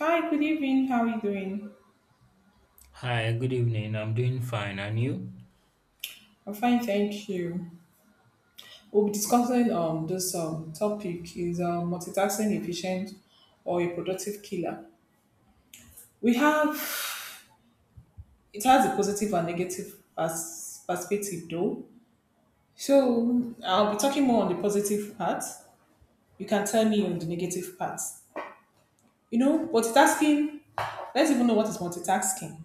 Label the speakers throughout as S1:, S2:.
S1: Hi, good evening. How are you doing?
S2: Hi, good evening. I'm doing fine, and you?
S1: I'm fine, thank you. We'll be discussing this topic is multitasking efficient or a productive killer. We have it has a positive and negative perspective though. So I'll be talking more on the positive part. You can tell me on the negative part. You know, multitasking. Let's even know what is multitasking.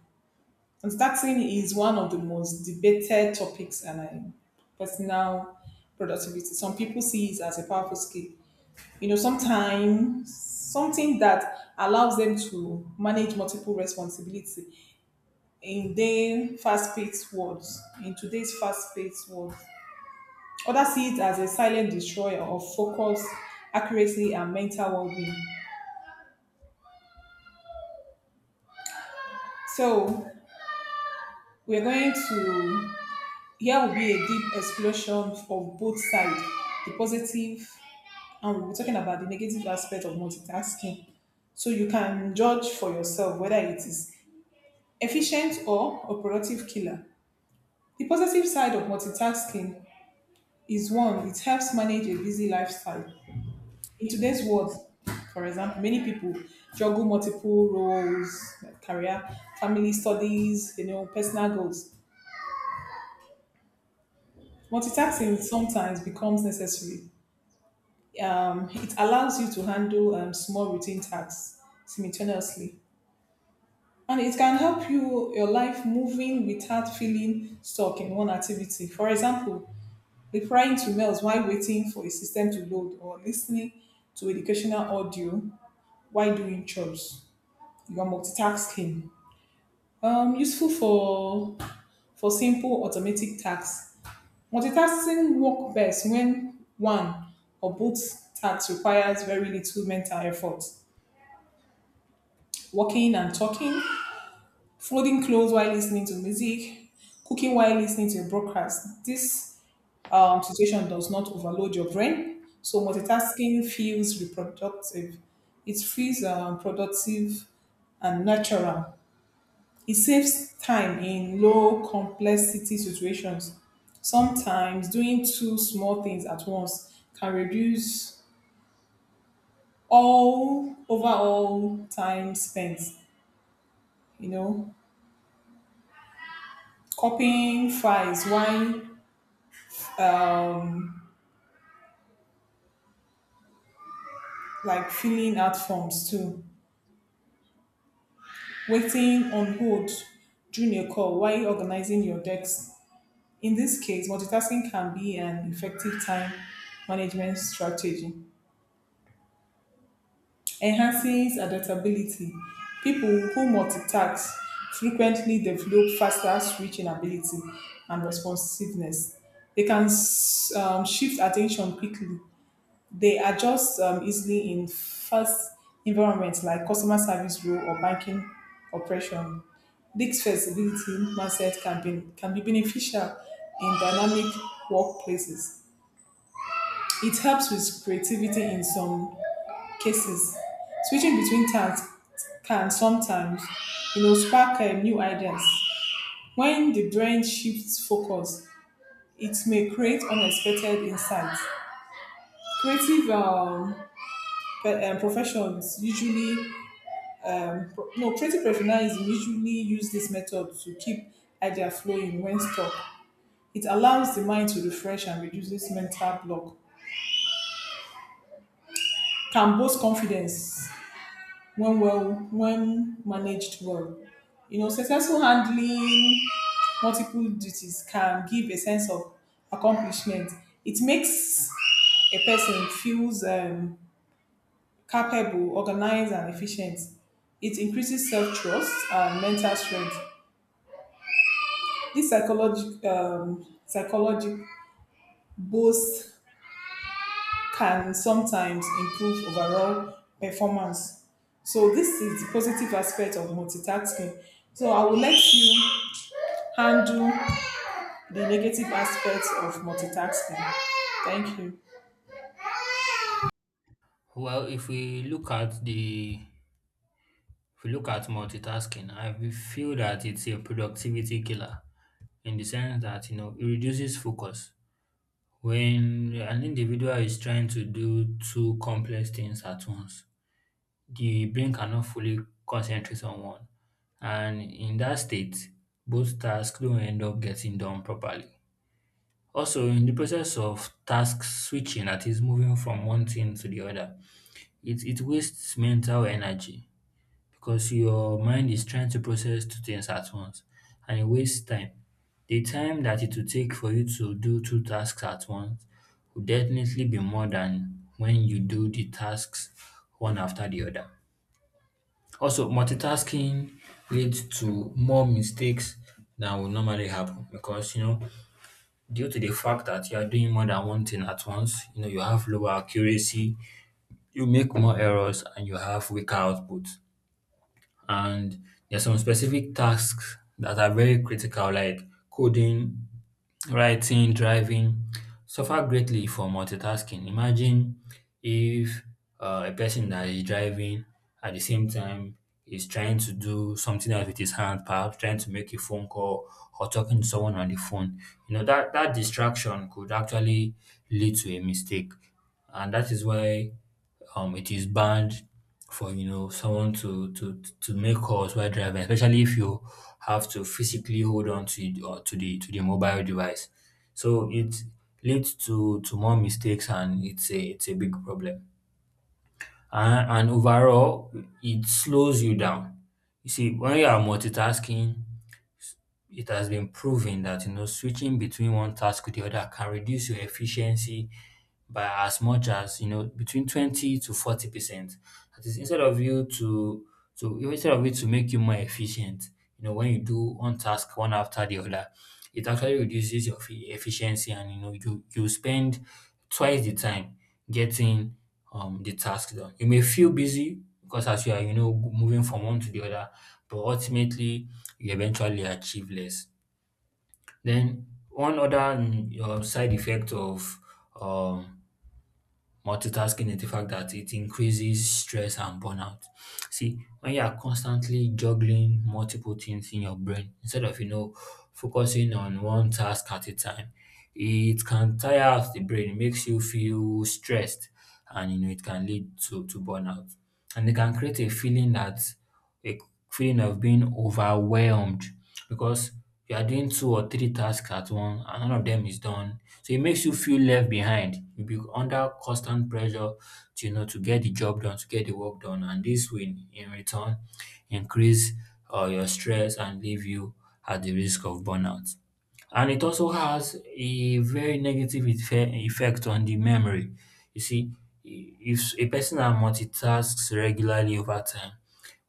S1: And starting is one of the most debated topics and personal productivity. Some people see it as a powerful skill. You know, sometimes something that allows them to manage multiple responsibility in their fast-paced world. In today's fast-paced world, others see it as a silent destroyer of focus, accuracy, and mental well-being. So we're going to here will be a deep explosion of both sides, the positive and we are talking about the negative aspect of multitasking. So you can judge for yourself whether it is efficient or a productive killer. The positive side of multitasking is one, it helps manage a busy lifestyle. In today's world, for example, many people juggle multiple roles, like career, family studies, you know, personal goals. Multitasking sometimes becomes necessary. It allows you to handle small routine tasks simultaneously. And it can help you your life moving without feeling stuck in one activity. For example, replying to mails while waiting for a system to load or listening to educational audio while doing chores. You are multitasking. Useful for simple automatic tasks. Multitasking work best when one or both tasks requires very little mental effort. Walking and talking, folding clothes while listening to music, cooking while listening to a broadcast. This situation does not overload your brain, so multitasking feels reproductive. It feels productive and natural. It saves time in low complexity situations. Sometimes doing two small things at once can reduce all overall time spent. You know, copying files while um, like filling out forms too, waiting on hold during a call while organizing your decks. In this case, multitasking can be an effective time management strategy. Enhancing adaptability. People who multitask frequently develop faster switching ability and responsiveness. They can shift attention quickly. They adjust easily in fast environments like customer service rule or banking operation. This flexibility mindset can be beneficial in dynamic workplaces. It helps with creativity in some cases. Switching between tasks can sometimes, you know, spark new ideas. When the brain shifts focus, it may create unexpected insights. Creative professions usually Pro- No, creative entrepreneurs usually use this method to keep idea flowing when stuck. It allows the mind to refresh and reduces mental block. Can boost confidence when managed well. You know, successful handling multiple duties can give a sense of accomplishment. It makes a person feels capable, organized, and efficient. It increases self trust and mental strength. This psychologic boost can sometimes improve overall performance. So this is the positive aspect of multitasking. So I will let you handle the negative aspects of multitasking. Thank you.
S2: Well, if we look at the if we look at multitasking, I will feel that it's a productivity killer in the sense that it reduces focus when an individual is trying to do two complex things at once. The brain cannot fully concentrate on one, and in that state, both tasks don't end up getting done properly. Also, in the process of task switching, that is moving from one thing to the other. It wastes mental energy because your mind is trying to process two things at once and it wastes time. The time that it will take for you to do two tasks at once will definitely be more than when you do the tasks one after the other. Also, multitasking leads to more mistakes than would normally happen because due to the fact that you are doing more than one thing at once, you have lower accuracy, you make more errors, and you have weaker output. And there are some specific tasks that are very critical, like coding, writing, driving, suffer greatly for multitasking. Imagine if a person that is driving at the same time is trying to do something else with his hand, perhaps trying to make a phone call or talking to someone on the phone. That distraction could actually lead to a mistake. And that is why it is banned for someone to make calls while driving, especially if you have to physically hold on to it or to the mobile device. So it leads to more mistakes, and it's a big problem. And overall, it slows you down. You see, when you are multitasking, it has been proven that switching between one task to the other can reduce your efficiency by as much as between 20 to 40%. That is, instead of it to make you more efficient, when you do one task one after the other, it actually reduces your efficiency, and you spend twice the time getting the task done. You may feel busy because as you are moving from one to the other, but ultimately you eventually achieve less. Then one other side effect of um multitasking is the fact that it increases stress and burnout. See, when you are constantly juggling multiple things in your brain, instead of, focusing on one task at a time, it can tire out the brain, it makes you feel stressed, and, it can lead to burnout. And it can create a feeling a of being overwhelmed because you are doing two or three tasks at once and none of them is done. So it makes you feel left behind. You'll be under constant pressure to you know to get the job done, to get the work done, and this will in return increase your stress and leave you at the risk of burnout. And it also has a very negative effect on the memory. You see, if a person that multitasks regularly over time,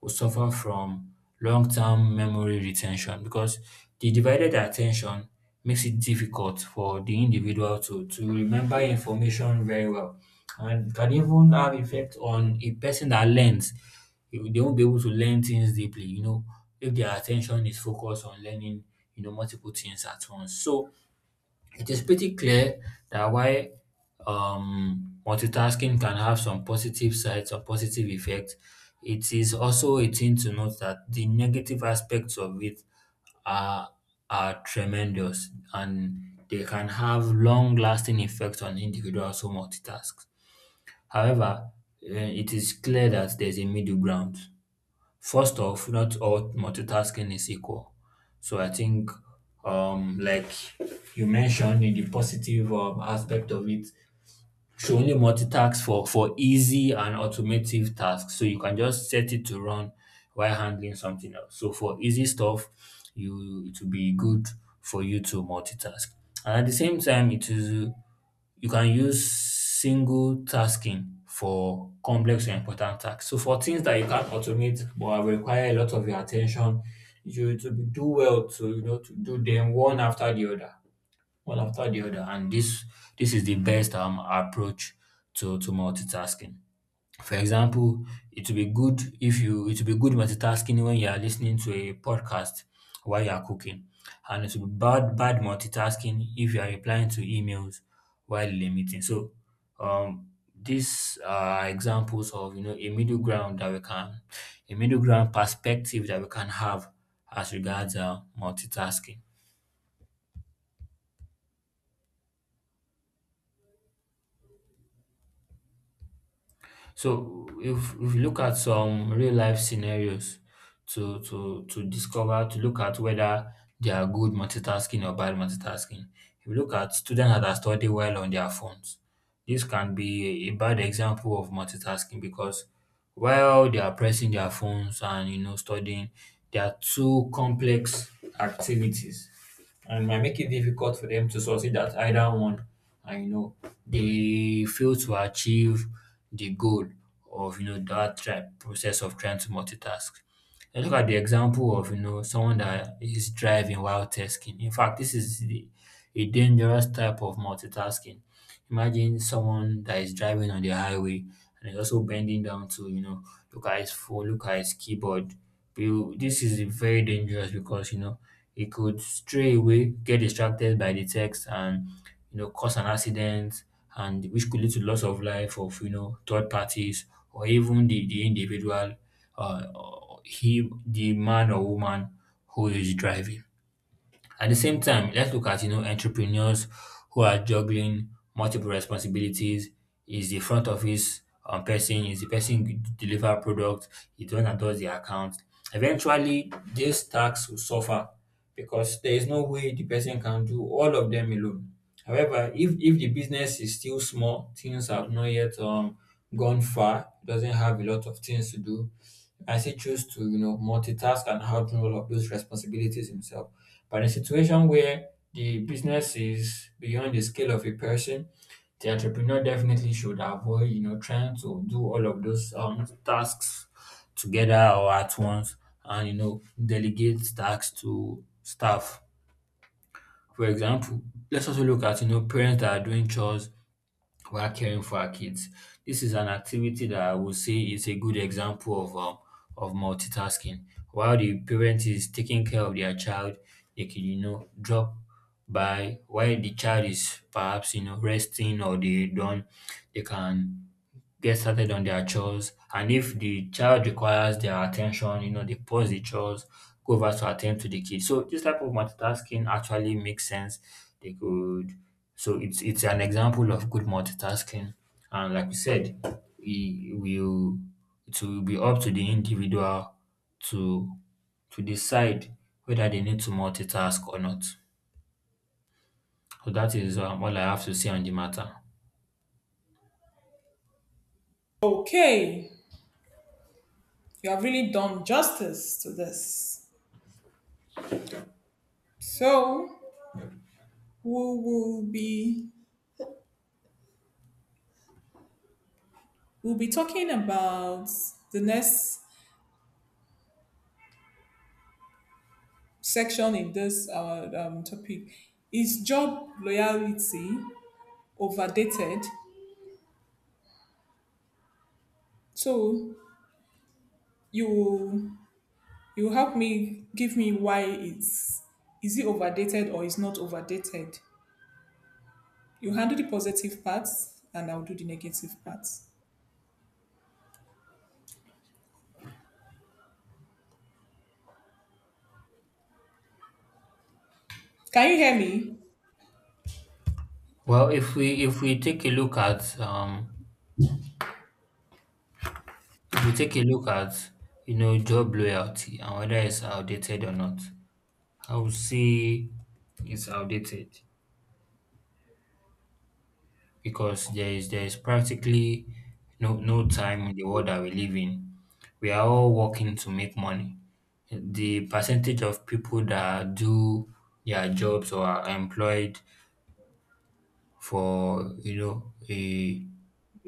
S2: will suffer from long-term memory retention because the divided attention makes it difficult for the individual to remember information very well, and can even have effect on a person that learns. They won't be able to learn things deeply, if their attention is focused on learning, multiple things at once. So it is pretty clear that while multitasking can have some positive sides or positive effects, it is also a thing to note that the negative aspects of it are, are tremendous, and they can have long lasting effects on individuals who multitask. However, eh, it is clear that there's a middle ground. First off, not all multitasking is equal. So I think, like you mentioned in the positive aspect of it, should only multitask for easy and automotive tasks. So you can just set it to run while handling something else. So for easy stuff, you it will be good for you to multitask. And at the same time, it is you can use single tasking for complex and important tasks. So for things that you can't automate but require a lot of your attention, you to do well to you know to do them one after the other, one after the other, and this is the best approach to multitasking. For example, it will be good if you it will be good multitasking when you are listening to a podcast while you are cooking, and it will be bad multitasking if you are replying to emails while in a meeting. So um these are examples of a middle ground perspective that we can have as regards multitasking. So if you look at some real life scenarios to discover to look at whether they are good multitasking or bad multitasking. If you look at students that are studying while on their phones, this can be a bad example of multitasking because while they are pressing their phones and studying, there are two complex activities, and might make it difficult for them to succeed at either one. And you know, they fail to achieve the goal of process of trying to multitask. And look at the example of someone that is driving while tasking. In fact, this is a dangerous type of multitasking. Imagine someone that is driving on the highway, and is also bending down to look at his phone, look at his keyboard. This is very dangerous because he could stray away, get distracted by the text, and cause an accident, and which could lead to loss of life of third parties, or even the individual, uh, he the man or woman who is driving. At the same time, let's look at entrepreneurs who are juggling multiple responsibilities. Is the front office person? Is the person who deliver product? Is the one that does the account? Eventually, these tasks will suffer because there is no way the person can do all of them alone. However, if the business is still small, things have not yet gone far, doesn't have a lot of things to do, I say choose to, multitask and handle all of those responsibilities himself. But in a situation where the business is beyond the scale of a person, the entrepreneur definitely should avoid, trying to do all of those tasks together or at once, and, delegate tasks to staff. For example, let's also look at, parents that are doing chores while caring for our kids. This is an activity that I would say is a good example of multitasking. While the parent is taking care of their child, they can drop by while the child is perhaps resting or they done, they can get started on their chores. And if the child requires their attention, they pause the chores, go over to attend to the kid. So this type of multitasking actually makes sense. They could So it's an example of good multitasking. And like we said, we will it will be up to the individual to to decide whether they need to multitask or not. So that is all I have to say on the matter.
S1: Okay, you have really done justice to this. So we will be we'll be talking about the next section in this our topic is job loyalty overdated. So you you help me give me why it's, is it overdated or is not overdated? You handle the positive parts and I'll do the negative parts. Can you hear me?
S2: Well, if we take a look at if we take a look at, job loyalty and whether it's outdated or not, I would say it's outdated because there is practically no time in the world that we live in. We are all working to make money. The percentage of people that do their jobs or are employed for you know a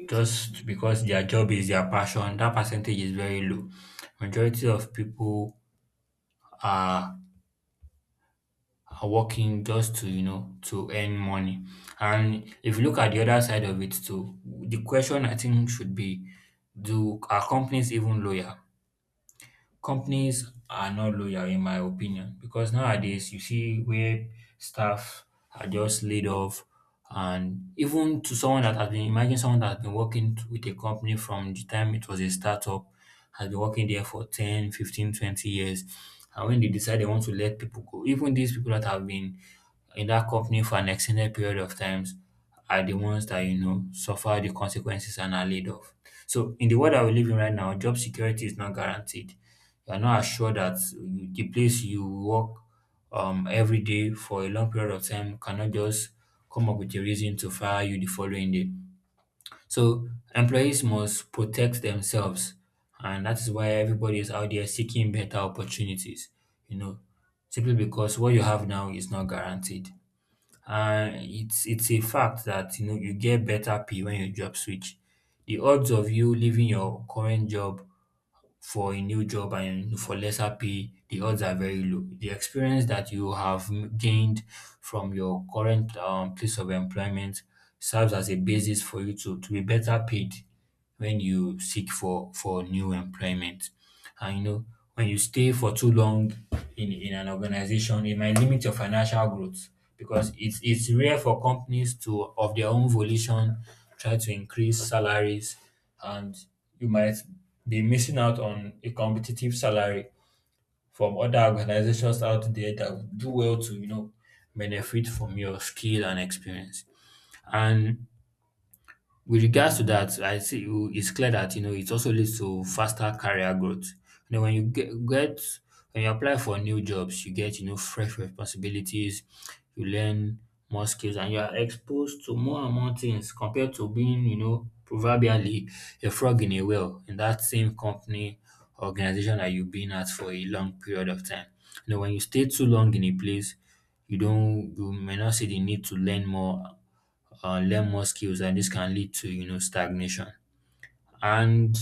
S2: just because their job is their passion, that percentage is very low. Majority of people are are working just to to earn money. And if you look at the other side of it too, the question I think should be, do, are companies even loyal? Companies are not loyal, in my opinion, because nowadays you see where staff are just laid off. And even to someone that has been, imagine someone that has been working with a company from the time it was a startup, has been working there for 10, 15, 20 years, and when they decide they want to let people go, even these people that have been in that company for an extended period of times are the ones that suffer the consequences and are laid off. So in the world that we live in right now, job security is not guaranteed. You are not assured that the place you work every day for a long period of time cannot just come up with a reason to fire you the following day. So employees must protect themselves, and that is why everybody is out there seeking better opportunities. You know, simply because what you have now is not guaranteed. And it's a fact that you get better pay when you job switch. The odds of you leaving your current job for a new job and for lesser pay, the odds are very low. The experience that you have gained from your current place of employment serves as a basis for you to be better paid when you seek for new employment. And when you stay for too long in an organization, it might limit your financial growth, because it's rare for companies to of their own volition try to increase salaries, and you might be missing out on a competitive salary from other organizations out there that would do well to, benefit from your skill and experience. And with regards to that, I see it's clear that it also leads to faster career growth. You know, when you get when you apply for new jobs, you get fresh responsibilities, you learn more skills, and you are exposed to more and more things compared to being proverbially a frog in a well in that same company organization that you've been at for a long period of time. You know, when you stay too long in a place, you may not see the need to learn more skills, and this can lead to stagnation. And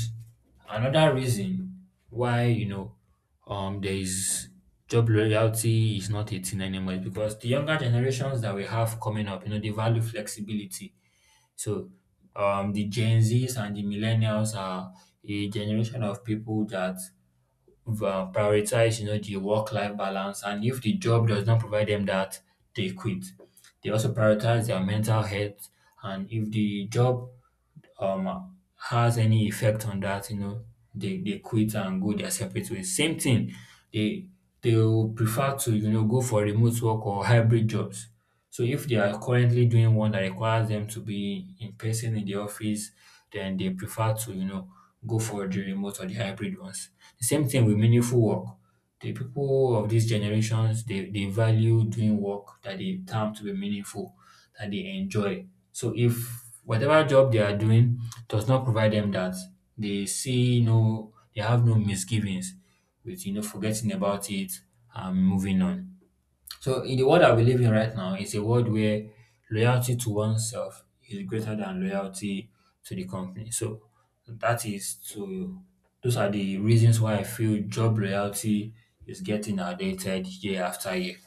S2: another reason why there is job loyalty is not a thing anymore is because the younger generations that we have coming up, you know, they value flexibility. So the Gen Zs and the millennials are a generation of people that prioritize the work life balance, and if the job does not provide them that, they quit. They also prioritize their mental health, and if the job has any effect on that, you know, they quit and go their separate ways. Same thing, they they will prefer to, go for remote work or hybrid jobs. So if they are currently doing one that requires them to be in person in the office, then they prefer to, go for the remote or the hybrid ones. The same thing with meaningful work. The people of these generations, they value doing work that they term to be meaningful, that they enjoy. So if whatever job they are doing does not provide them that, they have no misgivings with forgetting about it and moving on. So in the world that we live in right now, it's a world where loyalty to oneself is greater than loyalty to the company. So that is to those are the reasons why I feel job loyalty is getting outdated year after year.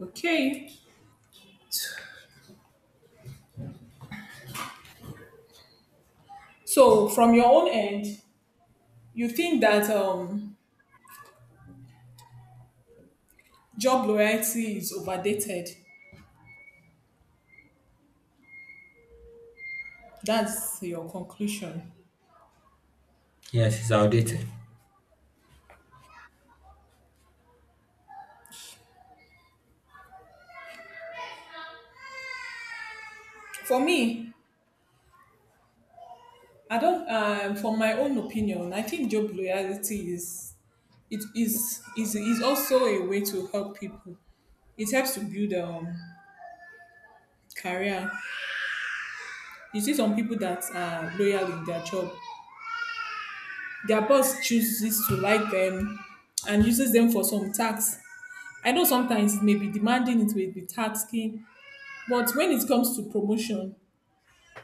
S1: Okay, so from your own end, you think that job loyalty is overdated. That's your conclusion.
S2: Yes, it's outdated.
S1: For me, I don't. From my own opinion, I think job loyalty is it is also a way to help people. It helps to build career. You see some people that are loyal in their job. Their boss chooses to like them and uses them for some tasks. I know sometimes it may be demanding, it may be tasking, but when it comes to promotion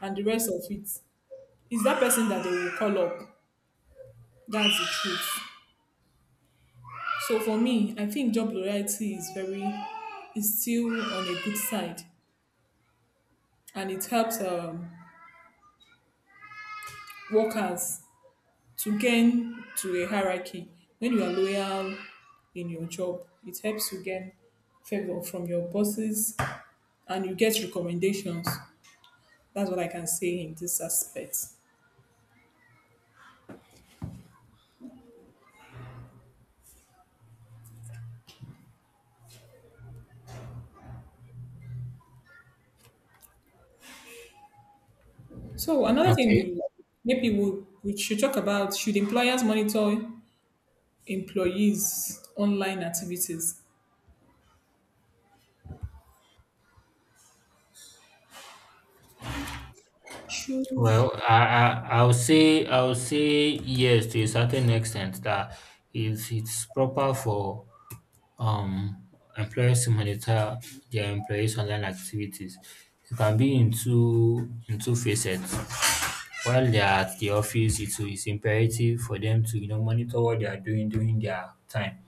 S1: and the rest of it, it's that person that they will call up. That's the truth. So for me, I think job loyalty is very is still on a good side, and it helps workers to gain to a hierarchy. When you are loyal in your job, it helps you gain favor from your bosses, and you get recommendations. That's what I can say in this aspect. So another thing
S2: Okay.
S1: we, maybe we should talk about, should employers monitor employees' online activities? Should,
S2: Well, I I'll say yes to a certain extent that if it's proper for um employers to monitor their employees' online activities, it can be in two facets. While they are at the office, it's imperative for them to monitor what they are doing during their time,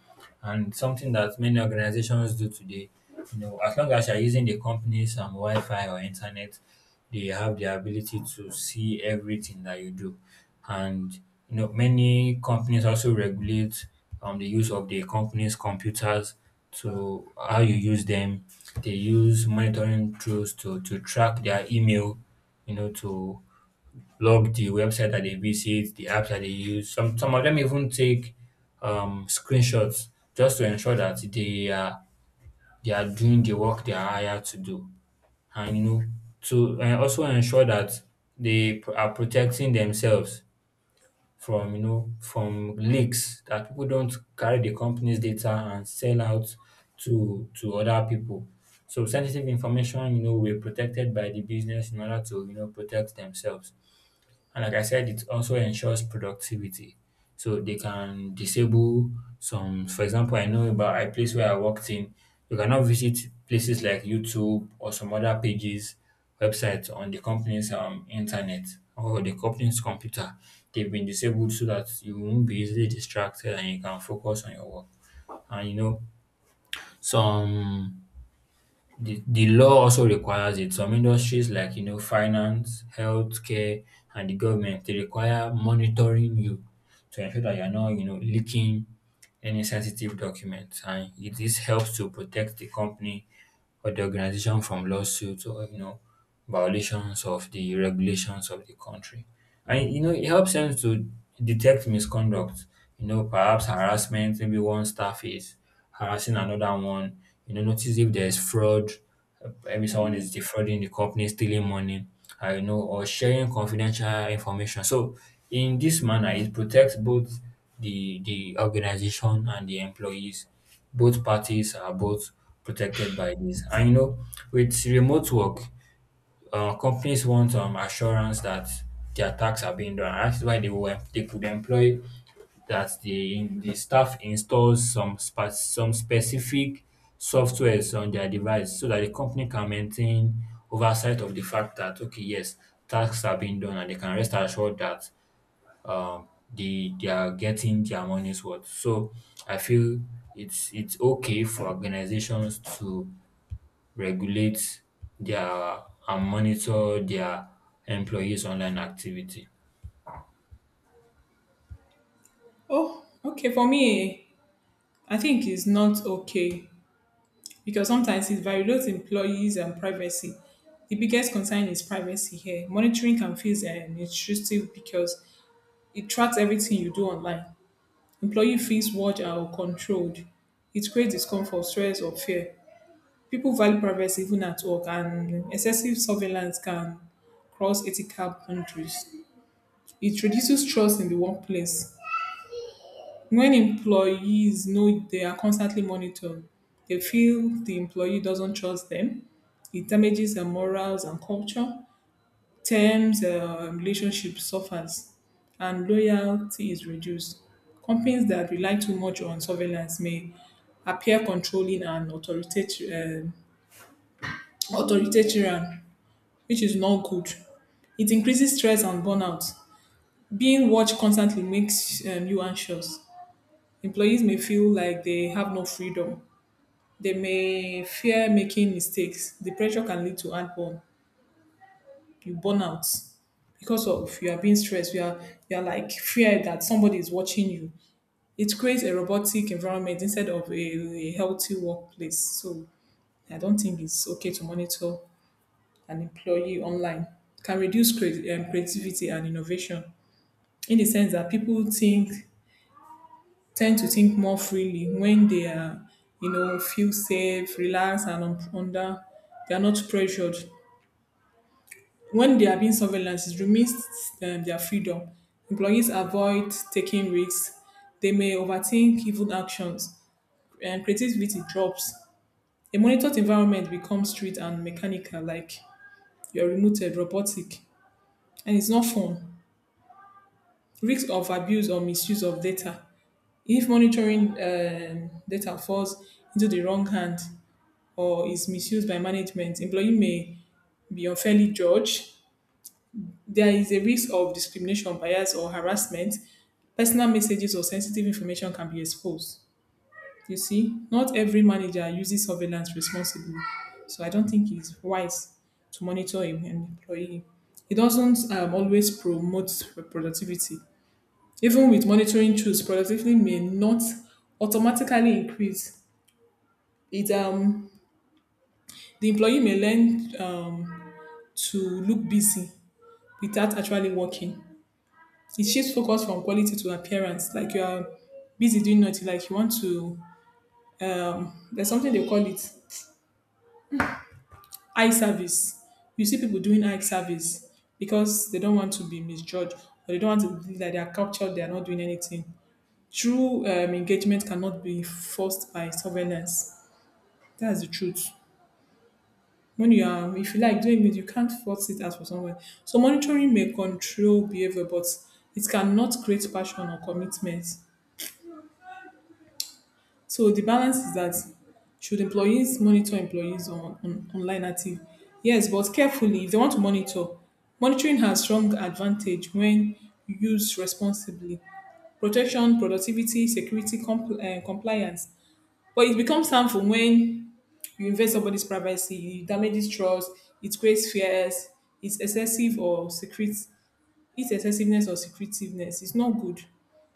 S2: and something that many organizations do today. You know, as long as you're using the company's Wi-Fi or internet, they have the ability to see everything that you do. And you know, many companies also regulate the use of the company's computers to how you use them. They use monitoring tools to track their email, you know, to log the website that they visit, the apps that they use. Some of them even take screenshots just to ensure that they are doing the work they are hired to do. And you know, to also ensure that are protecting themselves from from leaks, that people don't carry the company's data and sell out to other people. So sensitive information, you know, were protected by the business in order to protect themselves. And like I said, it also ensures productivity. So they can disable some, for example, I know about a place where I worked in, you cannot visit places like YouTube or some other pages, websites on the company's internet or the company's computer. They've been disabled so that you won't be easily distracted and you can focus on your work. And you know, some the law also requires it. Some industries like finance, healthcare, and the government, they require monitoring you to ensure that you're not leaking any sensitive documents, and this helps to protect the company or the organization from lawsuits or violations of the regulations of the country. And you know, it helps them to detect misconduct, you know, perhaps harassment, maybe one staff is harassing another one, you know, notice if there's fraud, maybe someone is defrauding the company, stealing money, you know, or sharing confidential information. So in this manner, it protects both the organization and the employees. Both parties are both protected by this. And you know, with remote work, companies want assurance that their tasks are being done. And that's why they could employ that the staff installs some some specific softwares on their device so that the company can maintain oversight of the fact that okay, yes, tasks are being done, and they can rest assured that they are getting their money's worth. So I feel it's okay for organizations to regulate their and monitor their employees' online activity.
S1: oh, okay. For me, I think it's not okay because sometimes it violates employees and privacy. The biggest concern is privacy here. Monitoring can feel intrusive because it tracks everything you do online. Employee feels watched or controlled. It creates discomfort, stress, or fear. People value privacy even at work, and excessive surveillance can cross ethical boundaries. It reduces trust in the workplace. When employees know they are constantly monitored, they feel the employee doesn't trust them. It damages their morals and culture. Terms, relationship suffers, and loyalty is reduced. Companies that rely too much on surveillance may appear controlling and authoritarian, authoritarian, which is not good. It increases stress and burnout. Being watched constantly makes you anxious. Employees may feel like they have no freedom. They may fear making mistakes. The pressure can lead to heartburn, you burn out because of you are being stressed. You are like fear that somebody is watching you. It creates a robotic environment instead of a healthy workplace. So I don't think it's okay to monitor an employee online. Can reduce creativity and innovation in the sense that people think tend to think more freely when they are, you know, feel safe, relaxed, and under, they are not pressured. When they are being surveillance, it remains their freedom. Employees avoid taking risks. They may overthink even actions, and creativity drops. A monitored environment becomes strict and mechanical, like you're remoted, robotic, and it's not fun. Risk of abuse or misuse of data. If monitoring data falls into the wrong hand or is misused by management, employee may be unfairly judged. There is a risk of discrimination, bias, or harassment. Personal messages or sensitive information can be exposed. You see, not every manager uses surveillance responsibly, so I don't think it's wise to monitor an employee. It doesn't always promote productivity. Even with monitoring tools, productivity may not automatically increase. It The employee may learn to look busy without actually working. It shifts focus from quality to appearance. Like you are busy doing nothing, like you want to. There's something they call it eye service. You see people doing eye service because they don't want to be misjudged, or they don't want to be like they are captured, they are not doing anything. True engagement cannot be forced by surveillance. That's the truth. When you are, if you like doing it, you can't force it out for someone. So monitoring may control behavior, but it cannot create passion or commitment. So the balance is that, should employees monitor employees on online active? Yes, but carefully if they want to monitor. Monitoring has strong advantage when used responsibly. Protection, productivity, security, compliance. But it becomes harmful when you invade somebody's privacy, it damages trust, it creates fears, it's excessive or secret. This excessiveness or secretiveness is not good.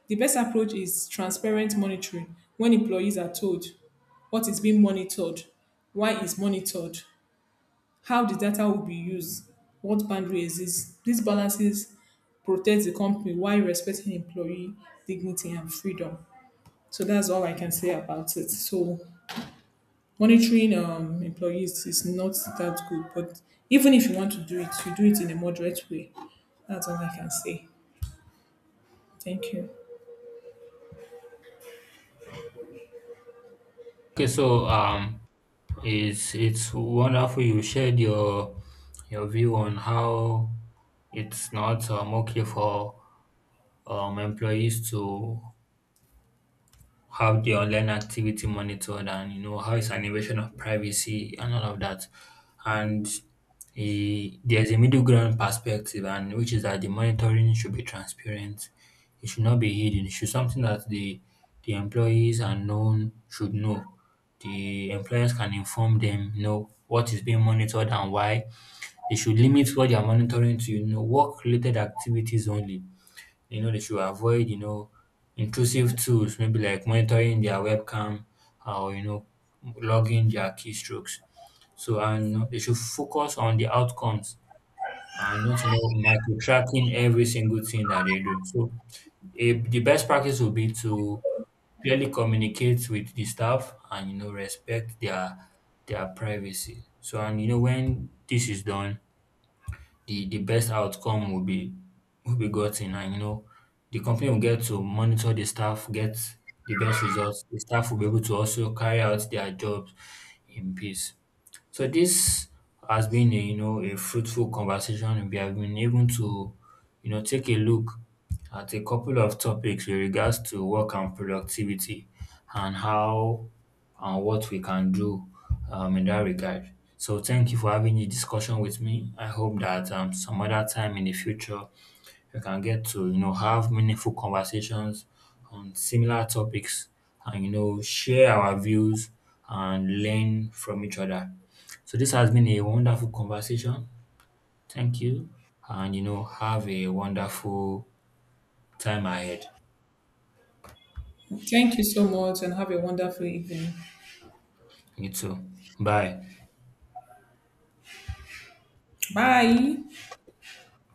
S1: The best approach is transparent monitoring when employees are told what is being monitored, why it's monitored, how the data will be used, what boundary exists. These balances protect the company while respecting employee dignity and freedom. So that's all I can say about it. So monitoring employees is not that good, but even if you want to do it, you do it in a moderate way. That's all I can say. Thank you.
S2: Okay, so it's wonderful you shared your view on how it's not okay for employees to how the online activity monitored, and you know how it's an invasion of privacy and all of that. And there's a middle ground perspective, and which is that the monitoring should be transparent, it should not be hidden, it should something that the employees and known should know. The employers can inform them, you know, what is being monitored and why. They should limit what they are monitoring to work related activities only. You know, they should avoid, you know, intrusive tools, maybe like monitoring their webcam, or, you know, logging their keystrokes. So, and you know, they should focus on the outcomes and not, you know, micro tracking every single thing that they do. So, the best practice would be to clearly communicate with the staff and, you know, respect their privacy. So, and, you know, when this is done, the best outcome will be gotten. And you know, the company will get to monitor the staff, get the best results. The staff will be able to also carry out their jobs in peace. So this has been a a fruitful conversation. We have been able to take a look at a couple of topics with regards to work and productivity, and how and what we can do in that regard. So thank you for having this discussion with me. I hope that some other time in the future we can get to have meaningful conversations on similar topics, and share our views and learn from each other. So this has been a wonderful conversation. Thank you, and have a wonderful time ahead.
S1: Thank you so much and have a wonderful evening.
S2: You too. Bye.
S1: Bye.